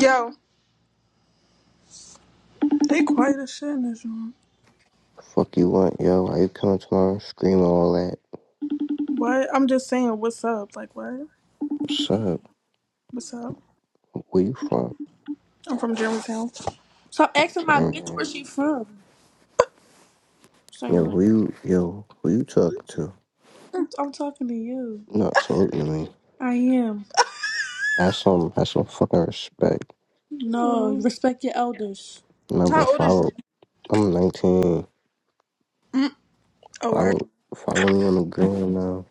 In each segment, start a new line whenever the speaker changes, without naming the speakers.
Yo, they quiet as shit in this room.
Fuck you want, yo? Why you coming to my scream all that?
What? I'm just saying, what's up? Like, what?
What's up?
What's up?
Where you from?
I'm from Germantown. So
From
asking my bitch where
Germany.
she from.
Yo,
Saying,
who you yo, who you talking to?
I'm talking to you.
Not talking to me.
I am.
That's some that's some fucking respect.
No, Mm. respect your elders.
Never
How old is
follow
you?
I'm nineteen.
Mm. Oh, all right.
Follow follow me on the gram now.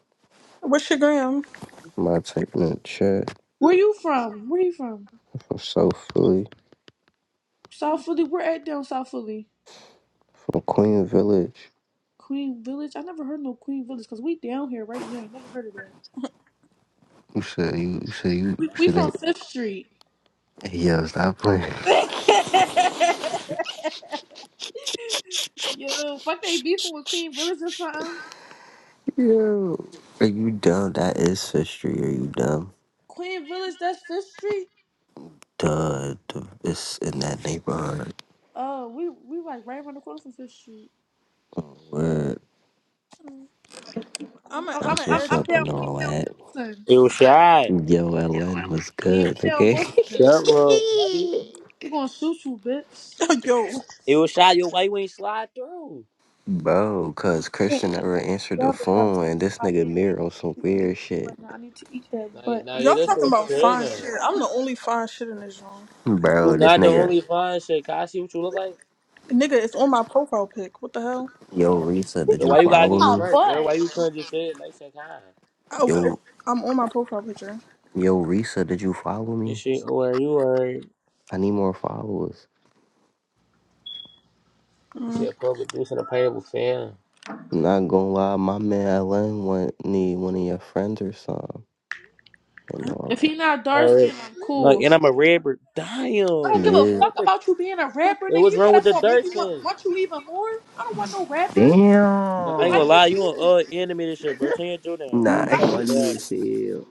What's your gram?
Am I typing in the chat?
Where you from? Where you from?
I'm from South Philly.
South Philly. We're at down South Philly.
From Queen Village.
Queen Village. I never heard no Queen Village because we down here right now. Never heard of that.
You said you, you said you, you
We, we
said
from
that
Fifth Street.
Hey, yo, stop playing.
Yo, fuck they beefing with Queen Village or something.
Yo. Are you dumb? That is history. Are you dumb?
Queen Village, that's Fifth Street.
the, the it's in that neighborhood.
Oh, we we like right around the corner from Fifth Street.
where
I'm I'm a, I'm I'm
special
I'm, I'm
what's
I'm down.
and
We
all
down
that.
Wilson.
It was shy.
Yo, Ellen was
Yeah,
good,
we down
okay?
Shut
Wilson.
up, buddy.
We gonna shoot you, bitch. Yo, I'm
It was shy. Yo, why you ain't slide through?
Bro, cause
saying,
Christian
it's
never
all
answered the
together, gotta
phone and this
stop
nigga
being
mirror on some
too unjoyful
weird shit.
right now. I need to eat that
Nah,
butt.
nah, yeah,
y'all
that shit
talking
was
about fine
triggering.
shit. I'm the only fine shit in this room.
You
Bro, this
not the
nigga
only fine shit. Can I see what you look like?
Nigga, it's on my profile pic. What the hell?
Yo
Uh,
Risa,
He's
did
yo,
you
why you
trying to
gotta
eat
follow
get
my
me?
smart, bro? Why you
butt.
couldn't just say it like that time?
Oh, it's,
Yo
I'm on my profile picture.
yo Risa, did you follow me?
This shit, or you are. You
I need more followers.
said public producing a payable fan.
I'm not gonna lie, my man Ellen want need one of your friends or something and all
If
that.
he not
All
dark
right.
skinned, I'm
Like,
cool.
and I'm a red bird.
I
Damn.
don't
He
Wait,
give a
what's
is
wrong
fuck
with the?
about you being a rapper,
Wait,
nigga.
what's
You
wrong with
gotta
the
gonna make
dark
me want,
skin?
want you even more. I don't want no rapper.
Nah, I
You
ain't
hype
gonna
Damn.
lie.
as
You
shit.
on uh end of me this shit, bro. Turn your jaw down, bro.
She
You
I
about
nah
to
don't give a
funny
fry
as
fuck.
me.
hell.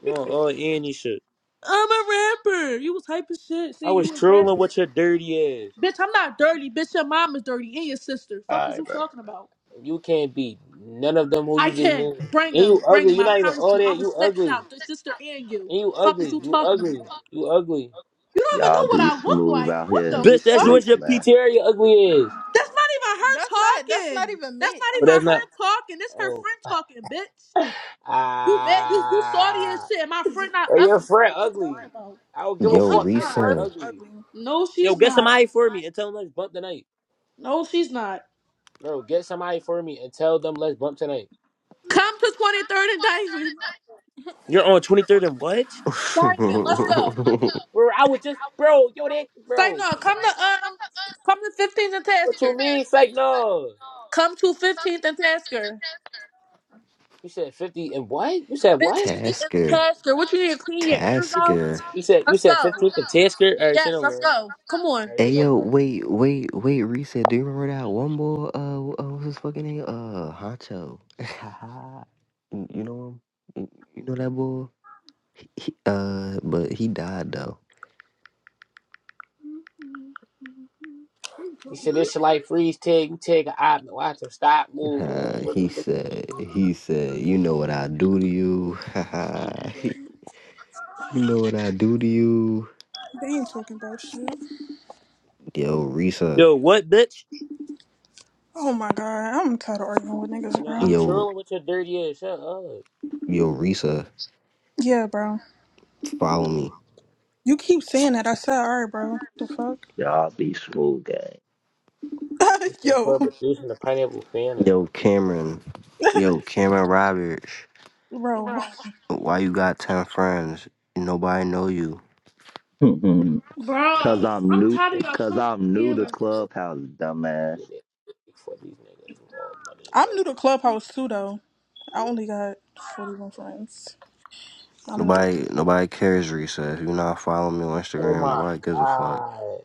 You on uh end this shit.
I'm a rapper. You was hype as shit
I
saying you
was
a
trolling
rapper.
with your dirty ass.
Bitch, I'm not dirty. Bitch, your mom is dirty and your sister. Fuck
All
is
right,
you
bro.
talking about?
And you can't beat none of them who
I
you just
can.
named.
Bring
And
him.
you
Bring
ugly.
him.
you
I
not even
promise
all
you. I
that.
will
You
step
ugly.
shop the sister and you.
And you
Fuck is
ugly.
you
You
talking about?
ugly. You ugly.
You don't even
Y'all
know what
be
I look
smooth
like.
out
What
here
the
in
Bitch,
these
that's
fuck?
what
streets,
your
man.
PTR, your ugly is.
That's not even her That's not talking. that's not even me. That's not I'm
But that's
even her
not.
talking. That's her
Oh.
friend talking, bitch. You bet you you salty
Ah.
as shit. And my friend not
Or your
ugly. What
friend
the fuck are you talking
ugly.
about?
I don't give a
No,
Yo,
I'm she's
fuck. Your
not.
friend
far from
Lisa.
ugly.
ugly. No,
Yo,
she's
get
not.
somebody for me and tell them let's bump tonight.
No, she's not.
Bro, get somebody for me and tell them let's bump tonight.
Come to 23rd and Diamond.
You're on 23rd and what?
Diamond, let's go.
Bro, I was just. Bro, yo, that.
Say
Bro.
no. Come to um, come to 15th and
What
Tasker.
you mean, fake no?
Come to 15th and Tasker.
You said fifty and what? You said what?
15th and
Tasker.
Tasker. What you need to clean your ears
You said
out?
Tasker.
you said, you
Let's
said
go.
fifteenth and ten skirt. All right, shit
Yes, let's
over. it.
go. Come
All
on.
right,
Hey,
shit over.
yo,
it.
wait, wait, wait, Reset. Do you remember that one boy? Uh, uh what's his fucking name? Uh, Honcho. you you know him? You know that boy? He, uh, but he died though.
You said this shit like freeze tag. You take an op watch him stop moving.
Uh,
What
he
is this?
said, he said, you know what I do to you. you know what I do to you.
They ain't talking about shit.
Yo, Risa.
Yo, what bitch?
Oh my god, I'm tired of arguing with
You
niggas,
know
bro.
I'm
Yo,
chilling with your dirty ass. Shut up.
yo, Risa.
Yeah, bro.
Follow me.
You keep saying that. I said, alright, bro. The fuck?
Y'all be smooth, gang.
You said
Yo,
poor producing the pineapple fan.
Yo, Cameron. Yo, Cameron Roberts.
bro.
Why you got ten friends? Nobody know you.
cause
Bro,
I'm
I'm
new.
tired of y'all
Cause
coming to
I'm new
Yeah,
to
camera.
I'll
Clubhouse, dumbass.
get it for these niggas. Lord, money
I'm
away.
new to Clubhouse too, though. I only got 41 friends. I'm new. to-
Nobody nobody cares, Recess. You not following me on
Oh
Instagram,
my
nobody gives a fuck.
god.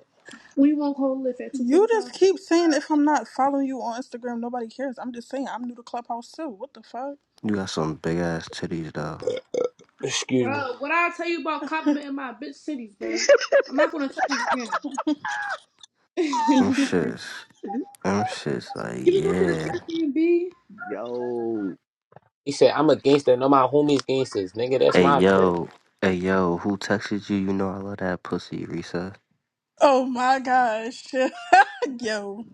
We won't hold lift at You just 245. keep saying if I'm not following you on Instagram, nobody cares. I'm just saying I'm new to Clubhouse too. What the fuck?
You got some big ass titties though.
Excuse me.
Bro, what I tell you about complimenting my bitch cities, bro. I'm not gonna tell you
Them
again.
shits. Them shits like
you go to
yeah.
the Airbnb?
Yo,
He said I'm a gangster. No, my homies gangsters. Nigga, that's
Hey
my bitch.
yo. Hey yo, who texted you? You know I love that pussy, Recess.
Oh my gosh. Yo,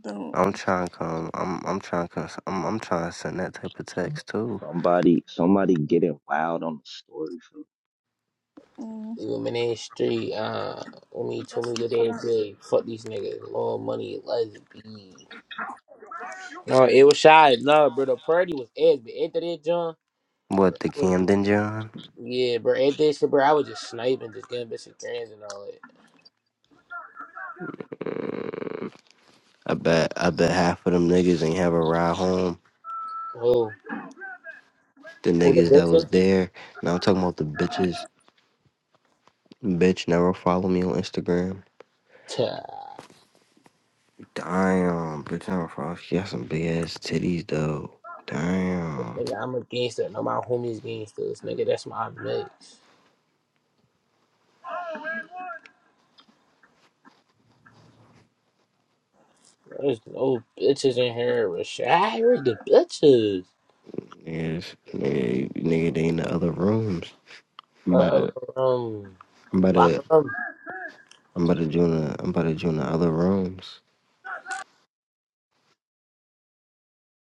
don't.
I'm trying to come. I'm I'm trying to come. I'm I'm trying to send that type of text too.
somebody, somebody getting wild on the story.
Mm.
Even in the street, uh, when he told me that they big, fuck these niggas, more money, let's be. No, it was shy, love, bro. The party was ass, but after that, John, bro,
What the
I was just,
Camden John?
yeah, bro. After that shit, bro, I was just sniping, just getting bitches grands and all that.
I bet I bet half of them niggas ain't have a ride home.
Oh,
The
who the
niggas that was
bitches?
there. Now I'm talking about the bitches. Bitch never follow me on Instagram.
Tah,
Damn, bitch never follow. She got some big ass titties though. Damn.
Nigga, I'm a gangster. No, my homies gangsters, nigga. That's my mix. There's no bitches in here. Rashad, where the bitches?
Niggas, nigga, nigga, they in the other rooms. I'm about
Uh,
to, I'm about to,
um,
I'm about to join the, I'm about to join the other rooms.